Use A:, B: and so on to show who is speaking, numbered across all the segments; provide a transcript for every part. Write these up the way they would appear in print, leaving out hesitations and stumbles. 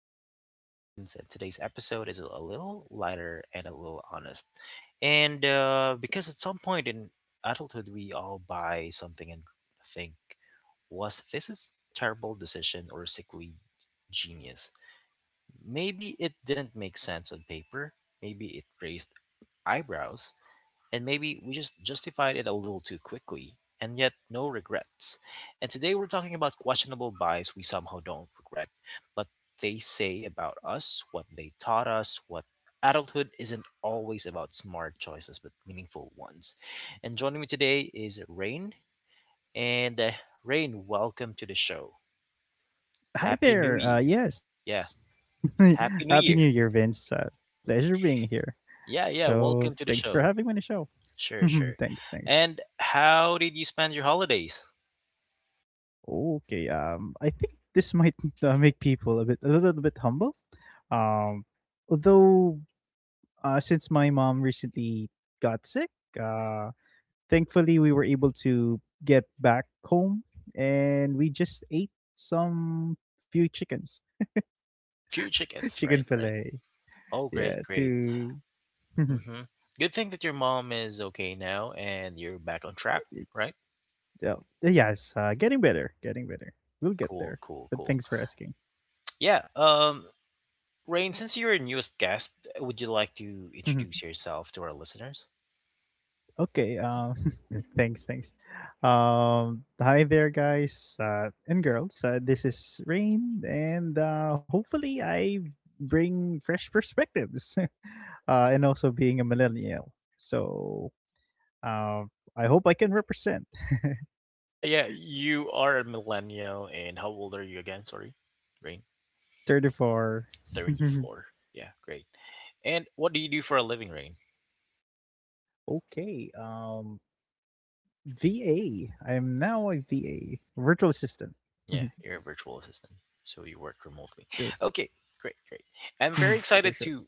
A: Art of Adulting with Vince. And today's episode is a little lighter and a little honest. And because at some point in adulthood, we all buy something and think, was this a terrible decision or sickly genius? Maybe it didn't make sense on paper. Maybe it raised eyebrows, and maybe we just justified it a little too quickly, and yet no regrets. And today we're talking about questionable buys we somehow don't regret, but they say about us, what they taught us, what adulthood isn't always about smart choices but meaningful ones. And joining me today is Rain, and Rain, welcome to the show.
B: Hi
A: Happy New
B: there.
A: Year.
B: Yes.
A: Yeah, Happy
B: Happy
A: New
B: New Year,
A: Year.
B: Vince. Pleasure being here.
A: Yeah, yeah,
B: So
A: welcome
B: thanks
A: to the
B: for having
A: show.
B: me on the show.
A: Sure, sure.
B: thanks, thanks.
A: And how did you spend your holidays?
B: Okay. I think this might make people a little bit humble. Um, Although since my mom recently got sick, uh, thankfully we were able to get back home, and we just ate some few chickens,
A: Few chickens,
B: chicken
A: right, right.
B: fillet.
A: Oh,
B: Yeah,
A: great, great.
B: to
A: Hmm. Good thing that your mom is okay now and you're back on track, right?
B: yeah. Yes, getting better, getting better. We'll get
A: Cool,
B: there.
A: cool,
B: But
A: cool.
B: thanks for asking.
A: Yeah, Rain, since you're a newest guest, would you like to
B: Mhm.
A: introduce yourself to our listeners?
B: Okay. Thanks, thanks. Hi there, guys and girls. This is Rain, and hopefully, I bring fresh perspectives, and also being a millennial. So, uh, I hope I can represent
A: Yeah, yeah, you are a millennial, and how old are you again? Sorry, Rain.
B: 34.
A: 34. Yeah, great. And what do you do for a living, Rain?
B: Okay. VA. I am now a VA virtual assistant.
A: Yeah, you're a virtual assistant, so you work remotely. Okay, great, great. I'm very
B: Mhm. Sure,
A: excited
B: sure.
A: to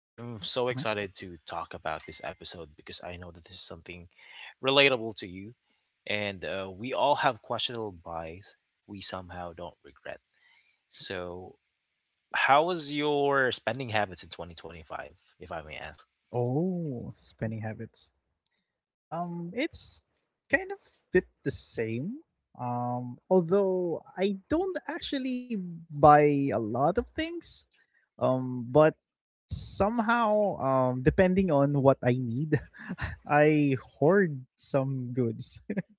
A: I am so
B: Mhm.
A: excited to talk about this episode because I know that this is something relatable to you. And We all have questionable buys we somehow don't regret. So, how was your spending habits in 2025, if I may ask?
B: Oh, spending habits. It's kind of bit the same. Although I don't actually buy a lot of things. But somehow, depending on what I need, I hoard some goods.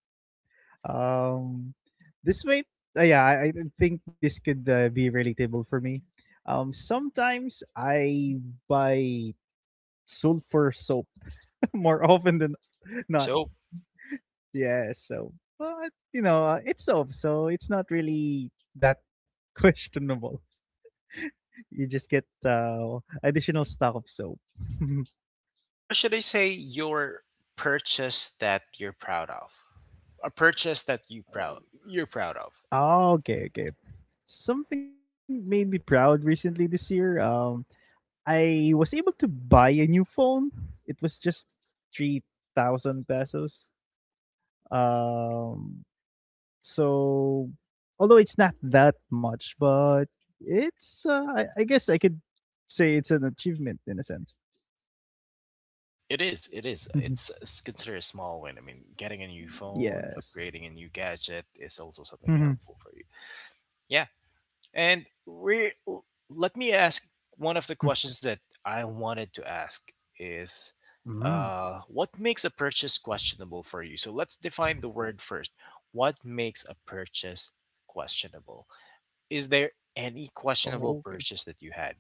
B: Um, this might, yeah, I think this could be relatable for me. Sometimes I buy sulfur soap more often than not.
A: So,
B: Yes. So, but you know, it's soap, so it's not really that questionable. You just get additional stock of soap.
A: or should I say, your purchase that you're proud of? A purchase that you're proud of.
B: Ah, okay, okay. Something made me proud recently this year. I was able to buy a new phone. It was just 3,000 pesos. Um, So, although it's not that much, but it's I guess I could say it's an achievement in a sense.
A: It is. It is. It's considered a small win. I mean, getting a new phone,
B: yes.
A: upgrading a new gadget is also something
B: Mhm.
A: helpful for you. Yeah. And we Let me ask one of the questions that I wanted to ask is,
B: Mm.
A: what makes a purchase questionable for you? So let's define the word first. What makes a purchase questionable? Is there
B: Oh,
A: any
B: okay.
A: questionable purchase that you had?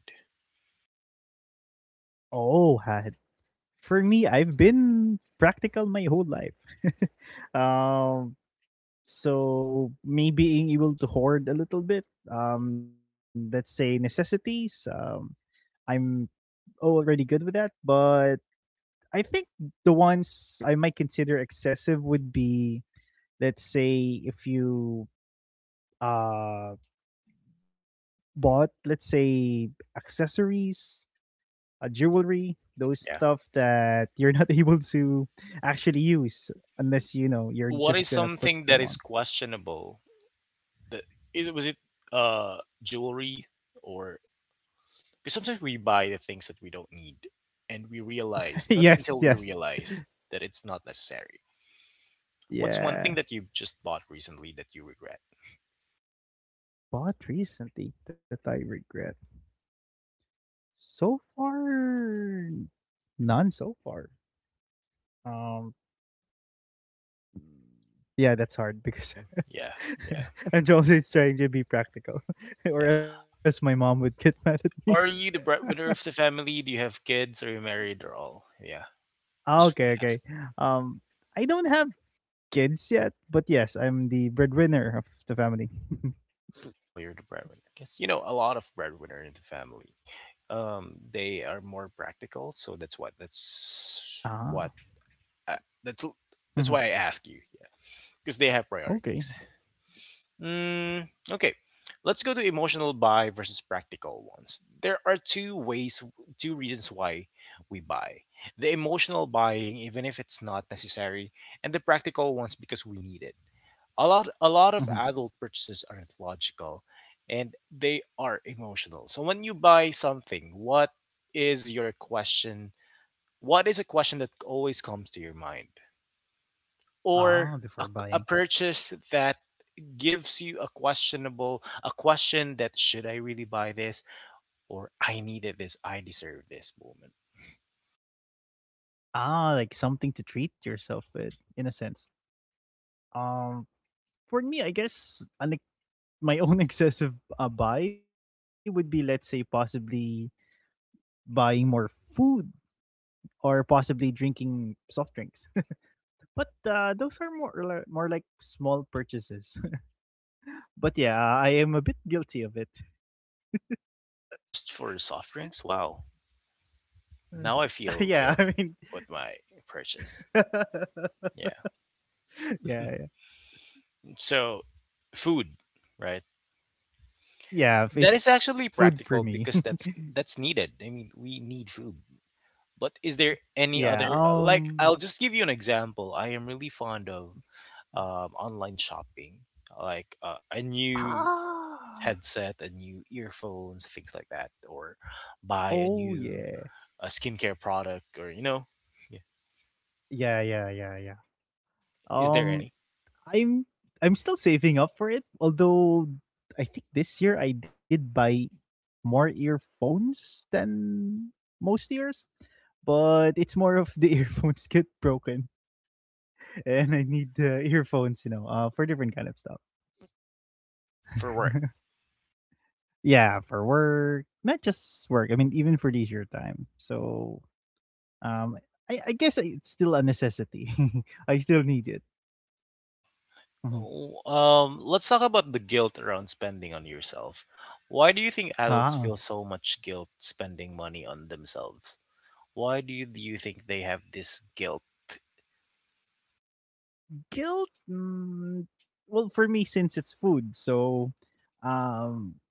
B: Oh, had for me, I've been practical my whole life. um, so me being able to hoard a little bit, let's say necessities, I'm already good with that. But I think the ones I might consider excessive would be, let's say, if you uh bought, let's say, accessories, jewelry, those
A: Yeah.
B: stuff that you're not able to actually use unless you know you're
A: What is
B: just gonna
A: something
B: put
A: that is
B: them on.
A: questionable? The, was it jewelry? Or because sometimes we buy the things that we don't need, and we realize not
B: Yes,
A: until we
B: yes,
A: realize that it's not necessary. What's one thing that
B: yeah.
A: you just bought recently that you regret?
B: Bought recently that I regret. So far, none. So far, um, yeah, that's
A: Thing,
B: hard because
A: yeah, yeah,
B: I'm always trying to be practical,
A: yeah.
B: or else my mom would get mad at me.
A: Are you the breadwinner of the family? Do you have kids? Are you married or all? Yeah,
B: Ah,
A: just want
B: okay,
A: to ask.
B: okay. Um, I don't have kids yet, but yes, I'm the breadwinner of the family.
A: Oh, you're the breadwinner. Because you know a lot of breadwinner in the family. They are more practical, so
B: Ah,
A: I, that's that's
B: mhm.
A: why I ask you. Yeah, because they have
B: Okay.
A: priorities. Mm, okay, let's go to emotional buy versus practical ones. There are two ways, two reasons why we buy: the emotional buying, even if it's not necessary, and the practical ones because we need it. A lot of
B: Mhm.
A: adult purchases aren't logical, and they are emotional. So when you buy something, what is your question? What is a question that always comes to your mind?
B: Ah,
A: Or
B: before buying.
A: a purchase that gives you a questionable, a question that should I really buy this, or I needed this, I deserve this moment.
B: Ah, like something to treat yourself with, in a sense. Um, for me, I guess an my own excessive buy would be, let's say, possibly buying more food or possibly drinking soft drinks, but those are more like small purchases. But yeah, I am a bit guilty of it.
A: Just for soft drinks, wow.
B: Uh,
A: Now I feel
B: yeah, I
A: guilty
B: mean
A: with my purchase. Yeah.
B: yeah, yeah,
A: So, food, right? That is
B: yeah,
A: actually
B: it's food for
A: practical
B: me.
A: because that's needed. I mean, we need food. But is there any other
B: Yeah.
A: like I'll just give you an example. I am really fond of online shopping. Like a new
B: Ah,
A: headset, a new earphones, things like that, or buy a
B: oh,
A: new
B: yeah,
A: skincare product, or you know, yeah.
B: yeah, yeah, yeah, yeah.
A: Is there
B: um
A: any
B: I'm I'm still saving up for it. Although I think this year I did buy more earphones than most years, but it's more of the earphones get broken and I need earphones, you know, for different kind of stuff.
A: for work?
B: Yeah, for work, not just work. I mean, even for leisure time. So um, I guess it's still a necessity. I still need it. Mhm.
A: Oh, let's talk about the guilt around spending on yourself. Why do you think adults
B: Huh.
A: feel so much guilt spending money on themselves? Why do you think they have this guilt?
B: Guilt. Well, for me, since it's food, so um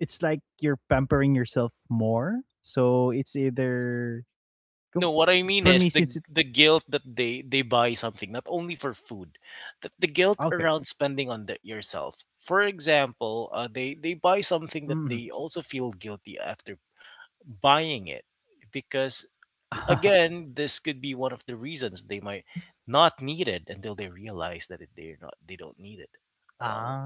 B: it's like you're pampering yourself more, so it's either
A: No,
B: com-
A: what I mean
B: for
A: is
B: me, since
A: the
B: it.
A: the guilt that they buy something not only for food, that the guilt
B: Okay.
A: around spending on yourself. For example, they buy something
B: Mm.
A: that they also feel guilty after buying it because
B: Ah,
A: again, this could be one of the reasons they might not need it until they realize that it, they're not they don't need it at all.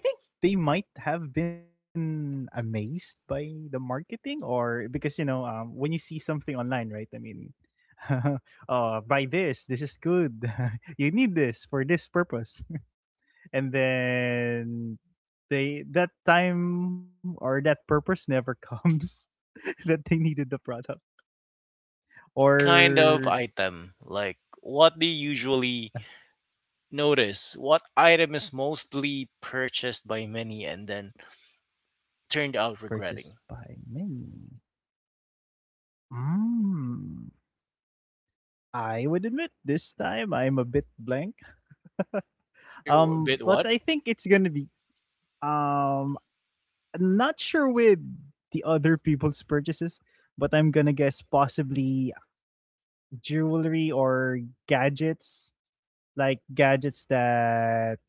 B: I think they might have been amazed by the marketing, or because you know when you see something online, right, I mean, buy this, this is good. You need this for this purpose, and then they, that time or that purpose never comes, that they needed the product.
A: What kind of
B: Or
A: item? Like what do you usually notice? What item is mostly purchased by many and then turned out
B: purchased
A: regretting.
B: by many. Mm. I would admit this time I'm a bit blank.
A: You bit
B: But
A: what?
B: I think it's gonna be um I'm not sure with the other people's purchases, but I'm gonna guess possibly jewelry or gadgets, like gadgets that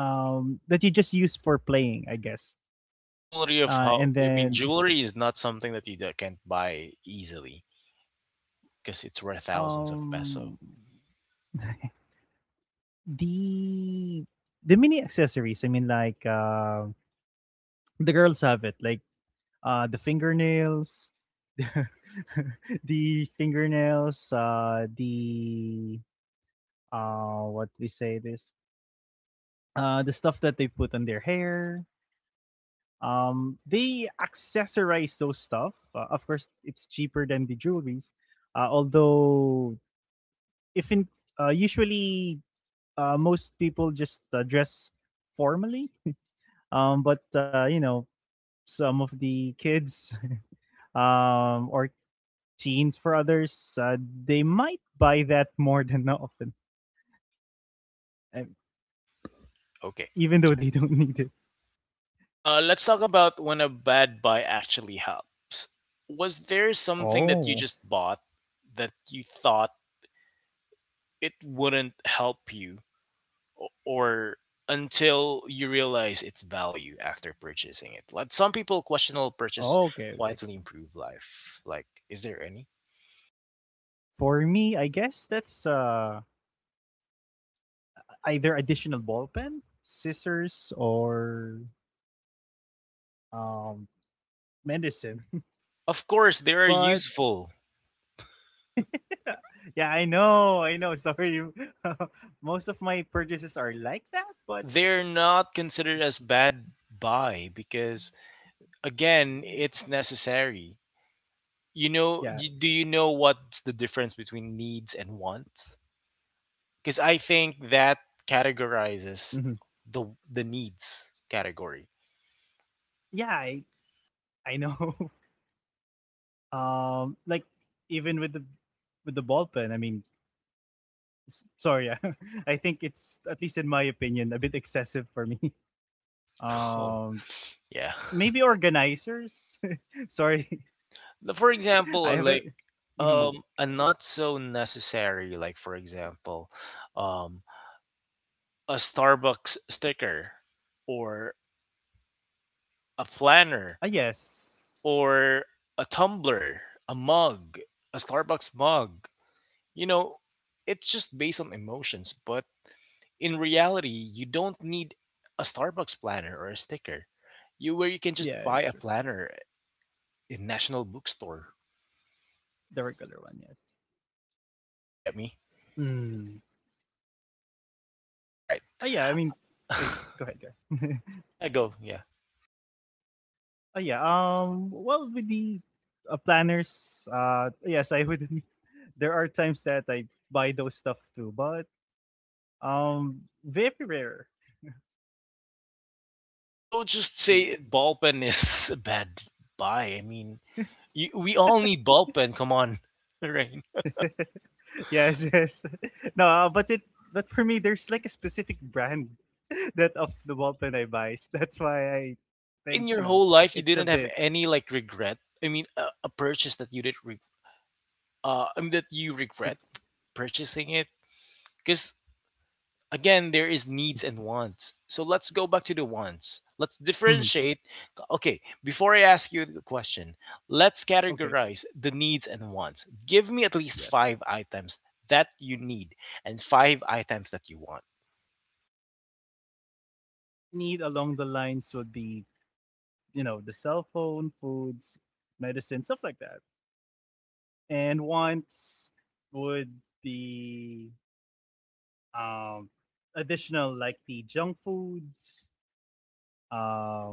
B: that you just use for playing, I guess.
A: Jewelry of
B: And
A: how? I
B: then
A: mean, jewelry is not something that you d- can't buy easily because it's worth thousands of peso.
B: um, the the mini accessories. I mean, like the girls have it, like the fingernails, the fingernails, the what do we say this? The stuff that they put on their hair. They accessorize those stuff. Of course, it's cheaper than the jewelries. Although, if in usually most people just dress formally, but you know, some of the kids or teens for others, they might buy that more than often, uh,
A: Okay.
B: even though they don't need it.
A: Let's talk about when a bad buy actually helps. Was there something that you
B: Oh,
A: just bought that you thought it wouldn't help you, o- or until you realize its value after purchasing it? Like some people, questionable
B: oh, okay,
A: purchase
B: okay.
A: quietly improve life. Like, is there any?
B: For me, I guess that's either additional ball pen, scissors, or um, medicine.
A: Of course, they are
B: But
A: useful.
B: yeah, I know, I know. Sorry, most of my purchases are like that. But
A: They're not considered as bad buy because again, it's necessary. You
B: yeah,
A: know, you, do you know what's the difference between needs and wants? Because I think that categorizes
B: mhm.
A: the the needs category.
B: Yeah, I know. Like even with the ball pen, I mean, sorry, I think it's, at least in my opinion, a bit excessive for me.
A: Oh,
B: Um,
A: yeah.
B: Maybe organizers. Sorry,
A: The- For example,
B: I have a.
A: like
B: Mm,
A: a not so necessary like for example, um a Starbucks sticker or a planner
B: Yes.
A: or a tumbler, a mug, a Starbucks mug. You know, it's just based on emotions, but in reality, you don't need a Starbucks planner or a sticker. You where you can just
B: Yeah,
A: buy
B: it's
A: a
B: true.
A: planner in National Bookstore.
B: The regular one, yes.
A: You get me?
B: Mm.
A: All right.
B: Oh, yeah, I mean, uh, go ahead, go ahead.
A: Yeah, go. Yeah.
B: Oh, yeah. Well, with the planners, yes, I would. There are times that I buy those stuff too, but very rare.
A: You don't just say ball pen is a bad buy. I mean, you, we all need ball pen. Come on, right?
B: Yes, yes. No, but for me, there's like a specific brand that of the ball pen I buy. So that's why I think
A: Like
B: you
A: in
B: know
A: your whole
B: it's
A: life,
B: a
A: you didn't
B: bit.
A: have any like regret. I mean, a purchase that you did re- I mean, that you regret purchasing it? Because again, there is needs and wants. So let's go back to the wants. Let's
B: Hmm.
A: differentiate. Okay, before I ask you the question, let's
B: Okay.
A: categorize the needs and wants. Give me at least
B: Yes.
A: five items that you need and five items that you want.
B: Need along the lines would be, you know, the cell phone, foods, medicine, stuff like that. And wants would be um, additional like the junk foods,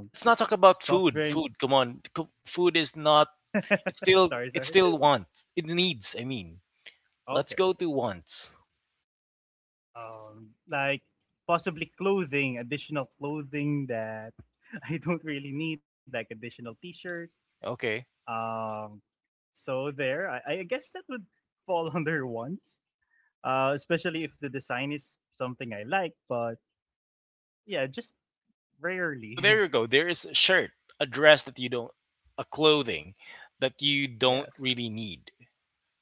A: Let's not talk about food.
B: soft
A: Food,
B: drinks.
A: come on. Co- Food is not. It's still. It's
B: Sorry,
A: still
B: sorry.
A: want. It needs. I mean, let's go to
B: Okay, okay.
A: wants.
B: Like possibly clothing, additional clothing that I don't really need, like additional T-shirt.
A: Okay.
B: Um, so there, I guess that would fall under wants, especially if the design is something I like. But yeah, just
A: So there you go.
B: rarely.
A: There is a shirt, a dress that you don't, a clothing that you don't
B: Yes,
A: really need,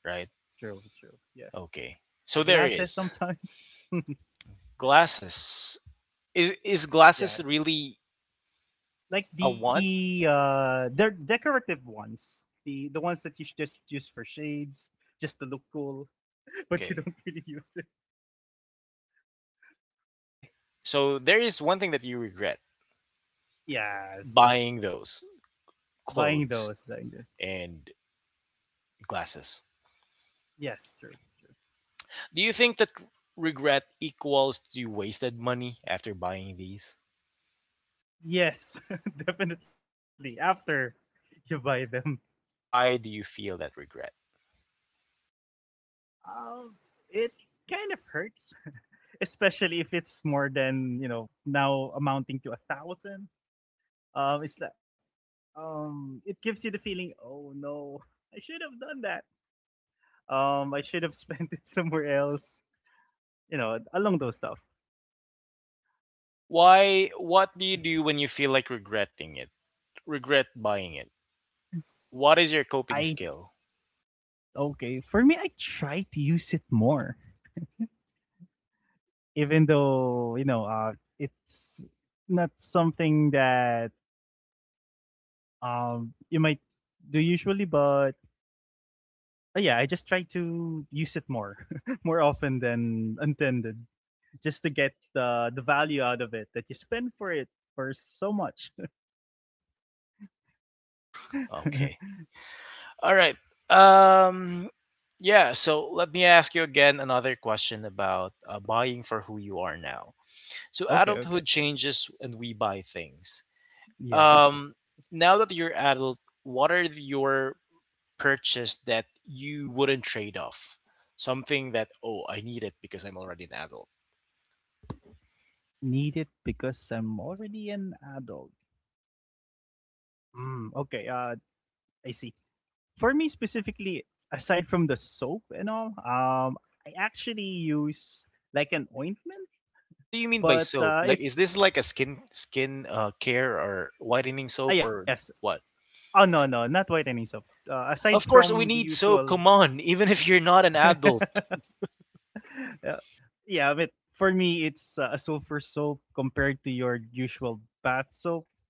A: right?
B: true, true. Yes,
A: Okay. So there is
B: eyeglasses sometimes. Yes,
A: glasses. Is glasses
B: yeah,
A: really a
B: like
A: want?
B: they're decorative ones, the ones that you just use for shades, just to look cool, but
A: Okay.
B: you don't really use it.
A: Okay. So there is one thing that you regret
B: Yes,
A: buying those
B: buying
A: clothes
B: those, like this.
A: and glasses.
B: Yes, true, true.
A: Do you think that regret equals to you wasted money after buying these?
B: Yes, definitely. After you buy them,
A: Why do you feel that regret?
B: um, it kind of hurts, especially if it's more than, you know, now amounting to 1,000. It's like it gives you the feeling, oh no, I should have done that. I should have spent it somewhere else. You know, along those stuff.
A: Why what do you do when you feel like regretting it? Regret buying it. What is your coping
B: I
A: skill?
B: Okay, for me. I try to use it more, even though, you know, it's not something that you might do usually, but yeah, I just try to use it more, more often than intended, just to get the value out of it that you spend for it for so much.
A: Okay. All right. Um yeah, so let me ask you again another question about buying for who you are now. So
B: Okay,
A: adulthood
B: okay.
A: changes and we buy things.
B: Yeah.
A: Um Now that you're adult, what are your purchase that you wouldn't trade off? Something that oh, I need it because I'm already an adult.
B: Need it because I'm already an adult. Okay. I see. For me specifically, aside from the soap and all, I actually use like an ointment,
A: What do you mean by
B: but
A: soap? Like is this like
B: it's
A: a skin care or whitening soap or
B: yes.
A: what?
B: Oh no, no, not whitening soap. Aside
A: Of course, we
B: from the
A: need soap.
B: usual,
A: Come on, even if you're not an adult.
B: yeah, yeah. But for me, it's a sulfur soap compared to your usual bath soap.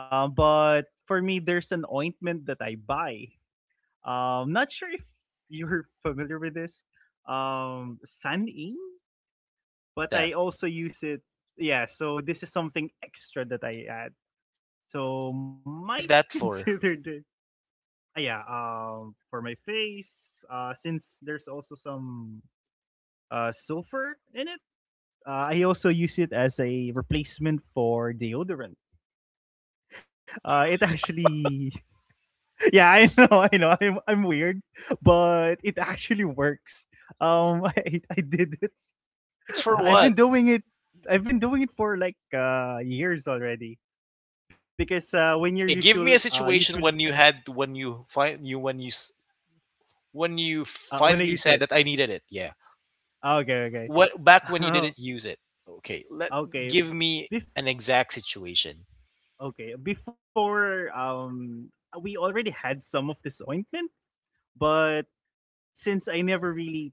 B: But for me, there's an ointment that I buy. Not sure if you're familiar with this. San Ing,
A: What's
B: but I
A: that?
B: also use it. Yeah, so this is something extra that I add. So might
A: What is that for?
B: consider. Ah, yeah, for my face, since there's also some sulfur in it, I also use it as a replacement for deodorant. It actually, yeah, I know, I'm weird, but it actually works. I did it.
A: It works for
B: I've been
A: what?
B: doing it. I've been doing it for like years already. Because when you're
A: Okay,
B: usual,
A: give me a situation when you had when you find you when you s- when you
B: when I
A: finally
B: used it,
A: said that I needed it. Yeah.
B: okay,
A: What back when you
B: okay,
A: didn't use it? Okay, let
B: okay.
A: give me
B: Bef-
A: an exact situation.
B: Okay, before we already had some of this ointment, but since I never really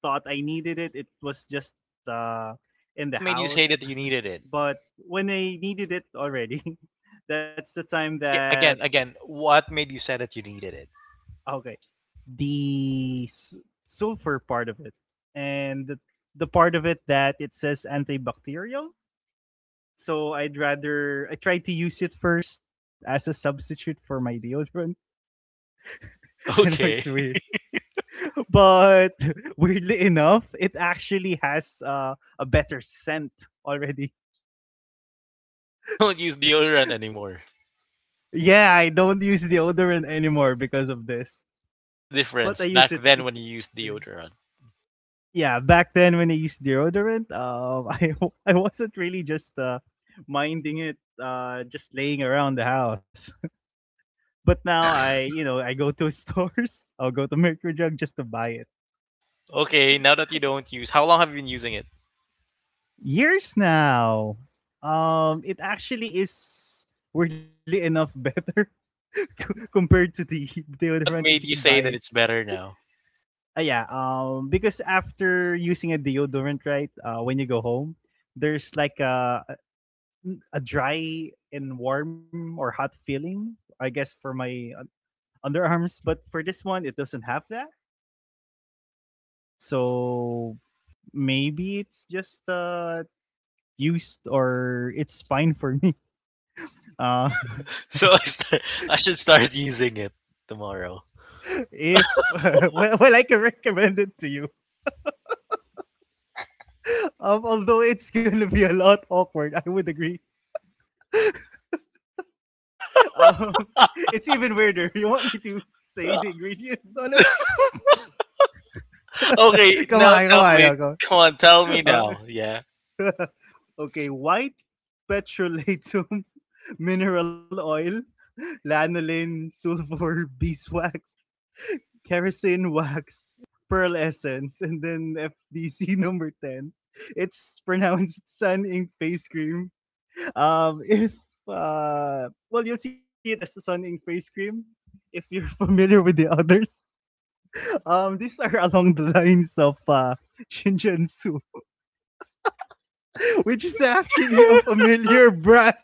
B: thought I needed it, it was just uh in the
A: What made you say that
B: house.
A: you needed it?
B: But when I needed it already, that's the time
A: Again,
B: that.
A: again, again. What made you say that you needed it?
B: Okay, the sulfur part of it and the part of it that it says antibacterial. So I tried to use it first as a substitute for my deodorant. I know it's
A: Okay,
B: weird. But weirdly enough, it actually has a better scent already.
A: you don't use deodorant anymore.
B: Yeah, I don't use deodorant anymore because of this,
A: What's the
B: but
A: difference
B: I use
A: back
B: it.
A: then when you used deodorant?
B: Yeah, back then when I used deodorant, I wasn't really just minding it, just laying around the house. But now I, I go to stores. I'll go to Mercury Drug just to buy it.
A: Okay, now that you don't use, how long have you been using it?
B: Years now. It actually is weirdly enough better compared to the
A: What
B: deodorant
A: made
B: that you
A: you
B: could
A: say that
B: buy.
A: it's better now?
B: Yeah, because after using a deodorant, right, when you go home, there's like a dry and warm or hot feeling, I guess, for my underarms. But for this one, it doesn't have that. So maybe it's just used or it's fine for me. Uh,
A: So I, start, I should start using it tomorrow.
B: if Well, I can recommend it to you. Although it's gonna be a lot awkward, I would agree. It's even weirder. You want me to say the ingredients on it?
A: Okay,
B: Come
A: now
B: on, come
A: tell
B: on,
A: me.
B: now, come
A: Come on, tell me
B: on.
A: now. Yeah.
B: Uh, okay, white petrolatum, mineral oil, lanolin, sulfur, beeswax, kerosene wax, pearl essence, and then FDC number ten. It's pronounced sun ink face cream. If Well, you'll see it as sun in face cream if you're familiar with the others. These are along the lines of Shinjinsu, which is actually a familiar brand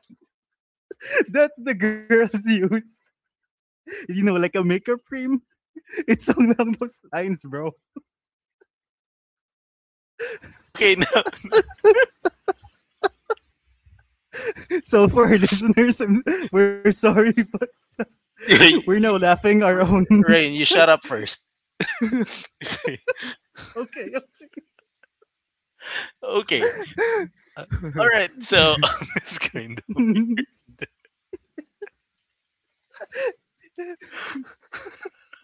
B: that the girls use. You know, like a makeup cream. It's along those lines, bro.
A: Okay, now.
B: So for our listeners, we're sorry, but we're now laughing our own.
A: R- Rain, you shut up first.
B: Okay.
A: Okay. All right. So it's kind of
B: Okay.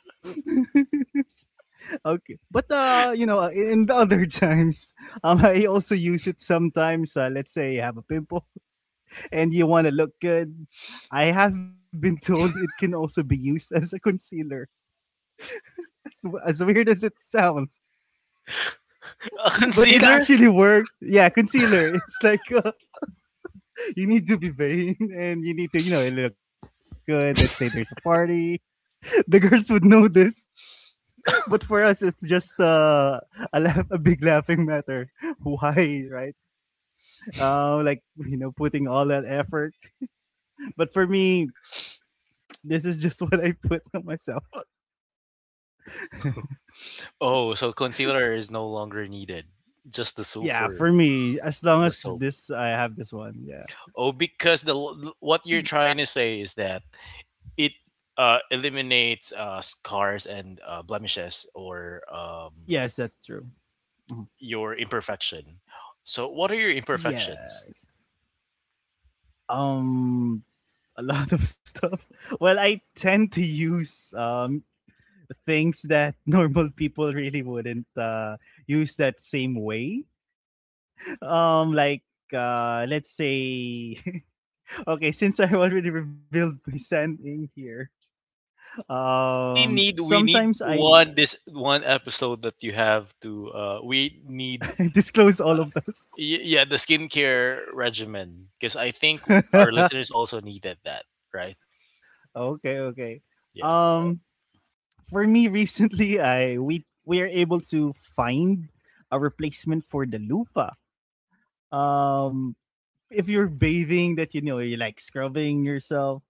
B: Okay. But you know, in the other times, I also use it sometimes. Let's say you have a pimple and you want to look good. I have been told it can also be used as a concealer. As weird as it sounds,
A: a
B: but it
A: concealer.
B: actually worked. Yeah, concealer. It's like you need to be vain and you need to, you know, look good. Let's say there's a party. The girls would know this, but for us, it's just a big laughing matter. Why, right? Like you know putting all that effort but for me this is just what I put on myself.
A: Oh, so concealer is no longer needed. Just the soap
B: Yeah,
A: for
B: for me, as long
A: the
B: as
A: soap.
B: this I have this one. Yeah,
A: Oh, because the what you're trying to say is that it eliminates scars and blemishes or
B: yes, that's true. Mhm.
A: your imperfection. So, what are your imperfections?
B: Yes. um a lot of stuff. Well, I tend to use things that normal people really wouldn't use that same way. Like let's say okay, since I already revealed my son in here.
A: Really need we
B: Sometimes
A: need
B: I
A: one this one episode that you have to. We need
B: disclose all of those.
A: y- yeah the skincare regimen because I think our listeners also needed that right.
B: Okay, okay.
A: Yeah,
B: Um, for me, recently, I we are able to find a replacement for the loofah. Um, if you're bathing, that you know you're like scrubbing yourself.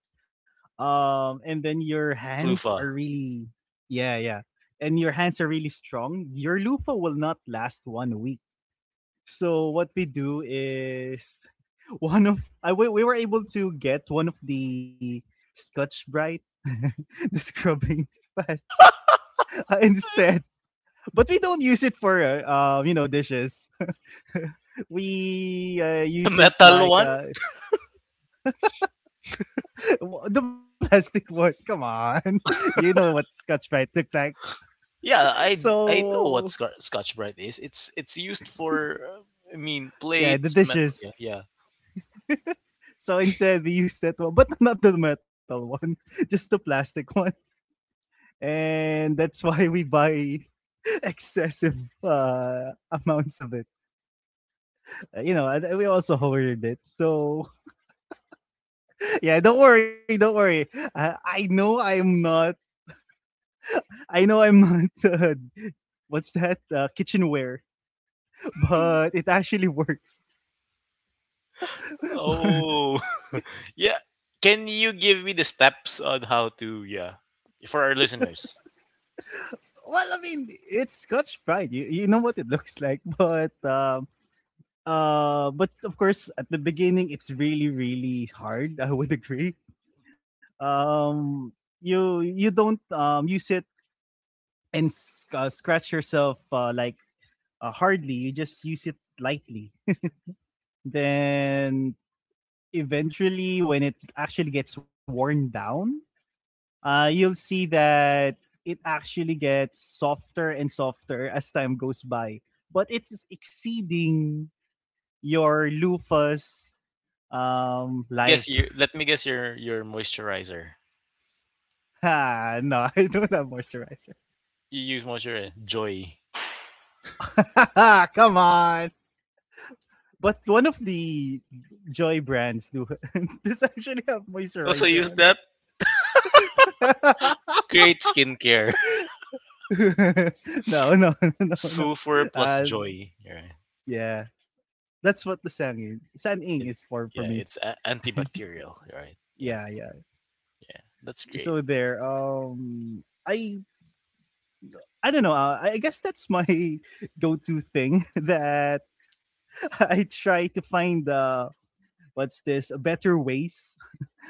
B: And then your
A: use
B: hands are
A: loofah.
B: really, yeah, yeah, and your hands are really strong. Your loofah will not last one week. So what we do is one of I we were able to get one of the Scotch Brite, the scrubbing pad, instead, but we don't use it for you know, dishes. We
A: I mean the
B: use it
A: metal one.
B: like the plastic one. Come on, you know what Scotch Brite took like.
A: Yeah, I know what
B: So
A: Scotch Scotch Brite is. It's used for I mean
B: yeah, the
A: plates, metal.
B: dishes.
A: Yeah, yeah.
B: So instead, we use that one, but not the metal one, just the plastic one. And that's why we buy excessive amounts of it. You know, and we also hoarded it. So yeah, don't worry, don't worry. I know I'm not. I know I'm not. What's that? Kitchenware, but it actually works. Well,
A: Oh, yeah. Can you give me the steps on how to, yeah, for our listeners?
B: I mean, it's Scotch Pride. You know what it looks like, but But of course, at the beginning, it's really, really hard. I would agree. um you don't use it and scratch yourself like hardly, you just use it lightly. Then eventually when it actually gets worn down, you'll see that it actually gets softer and softer as time goes by, but it's exceeding your loofah's
A: Let me guess
B: life.
A: you. Let me guess your moisturizer.
B: Ah, no, I don't have moisturizer.
A: You use moisturizer Joy.
B: Come on. But one of the Joy brands do does actually have
A: You also
B: moisturizer
A: use
B: on
A: that.
B: it.
A: Great skincare.
B: No, no, no, no.
A: Sulfur plus
B: Uh,
A: Joy. You're right.
B: yeah, that's what the Sang San
A: Yeah,
B: Ing
A: it,
B: is for
A: yeah.
B: me.
A: It's a- antibacterial. You're right. Yeah,
B: Yeah, yeah.
A: yeah. That's great.
B: So there. I don't know. I guess that's my go-to thing that I try to find what's this better ways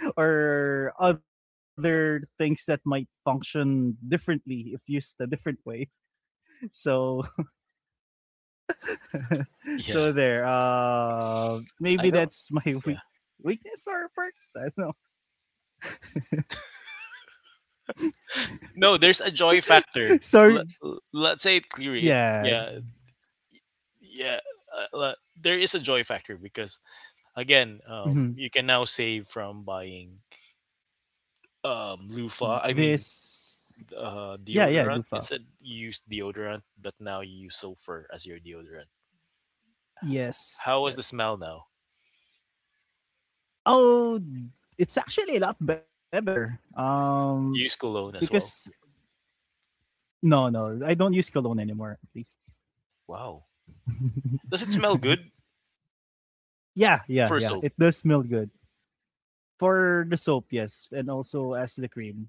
B: or other things that might function differently if used a different way. So, so
A: Yeah,
B: there.
A: I
B: Maybe
A: don't.
B: that's my
A: Yeah.
B: weakness or perks. I don't know.
A: No, there's a joy factor.
B: So
A: Let, let's say it clearly. It,
B: yeah,
A: yeah, yeah. Le- there is a joy factor because again, you can now save from buying loofah. I mean,
B: this yeah, yeah,
A: deodorant.
B: Lufa.
A: Instead, you use deodorant, but now you use sulfur as your deodorant.
B: Yes,
A: How was the
B: yes.
A: smell now?
B: Oh, it's actually a lot better.
A: You use cologne as
B: Because
A: well.
B: no, no, I don't use cologne anymore. At least.
A: Wow. Does it smell good?
B: Yeah, yeah,
A: Sulfur
B: yeah.
A: soap,
B: It does smell good. For the soap, yes, and also as the cream.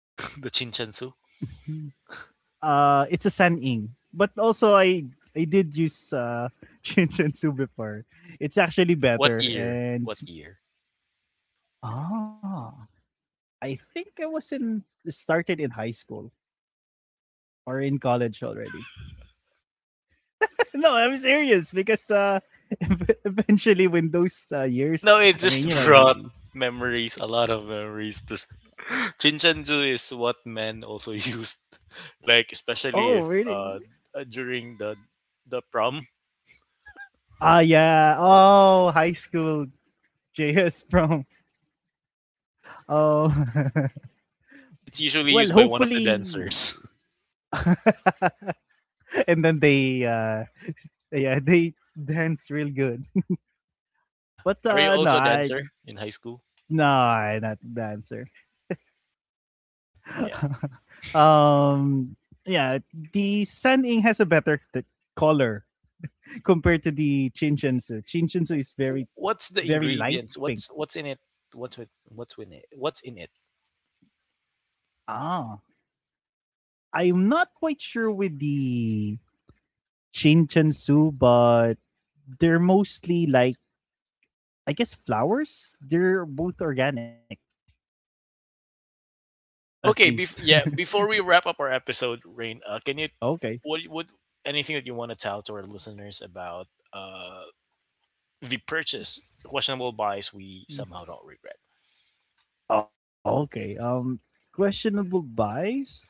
A: the chinchansu.
B: It's a San Ing, but also I did use Chinchinsu before. It's actually
A: What
B: better,
A: year?
B: and
A: What year?
B: ah, I think I was in started in high school or in college already. No, I'm serious because eventually when those
A: It,
B: years,
A: no, it
B: I mean,
A: just
B: you know,
A: brought
B: you-
A: memories, a lot of memories. To... s- Chinchanju is what men also used, like especially
B: oh,
A: if
B: really?
A: during the prom
B: Ah yeah, oh, high school JS from oh.
A: it's usually
B: Well,
A: used by one of the dancers.
B: hopefully, and then they, yeah, they danced real good.
A: yeah.
B: But
A: Are you
B: no,
A: also a
B: I
A: dancer in high school?
B: no, I not dancer.
A: Not. Yeah.
B: Um, yeah, the San Ing has a better color compared to the Chinchensu. Chinchensu
A: W-
B: is
A: w-
B: very
A: What's the
B: very light
A: ingredients?
B: pink.
A: What's in it? What's with what's in it? What's in it?
B: Ah, I'm not quite sure with the Chinchensu, but they're mostly like I guess flowers. They're both organic, at
A: Okay.
B: least.
A: Bef- yeah. Before we wrap up our episode, Rain, can you
B: Okay.
A: what anything that you want to tell to our listeners about uh the purchase questionable buys we somehow don't regret.
B: Oh, okay. Questionable buys.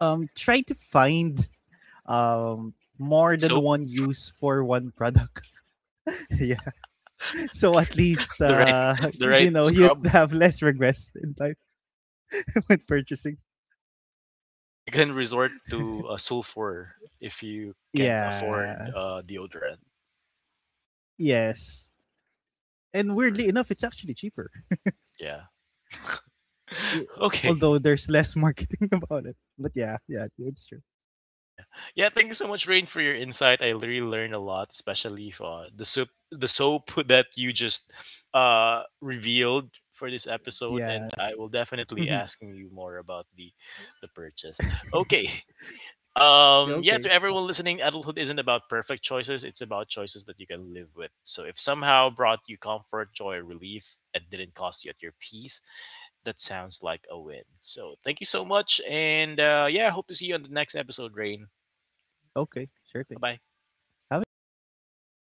B: Try to find um more
A: Right
B: than
A: soap,
B: one use for one product. Yeah. So at least
A: the right the right
B: you know you'd
A: scrub.
B: have less regrets in life when purchasing.
A: You can resort to sulfur if you can't
B: Yeah.
A: afford deodorant.
B: Yes. And weirdly enough, it's actually cheaper.
A: Yeah.
B: Y- Although
A: Okay.
B: there's less marketing about it. But yeah, yeah, it's true.
A: Yeah. Yeah. Thank you so much, Rain, for your insight. I really learned a lot, especially for the soup, the soap that you just revealed for this episode,
B: Yeah.
A: and I will definitely asking you more about the purchase. Okay.
B: Yeah,
A: Yeah,
B: okay.
A: to everyone listening, adulthood isn't about perfect choices. It's about choices that you can live with. So if somehow brought you comfort, joy, or relief, and didn't cost you at your peace, that sounds like a win. So thank you so much, and yeah, hope to see you on the next episode, Rain.
B: Okay. Sure
A: Bye
B: thing.
A: bye.
B: Have a good day, guys.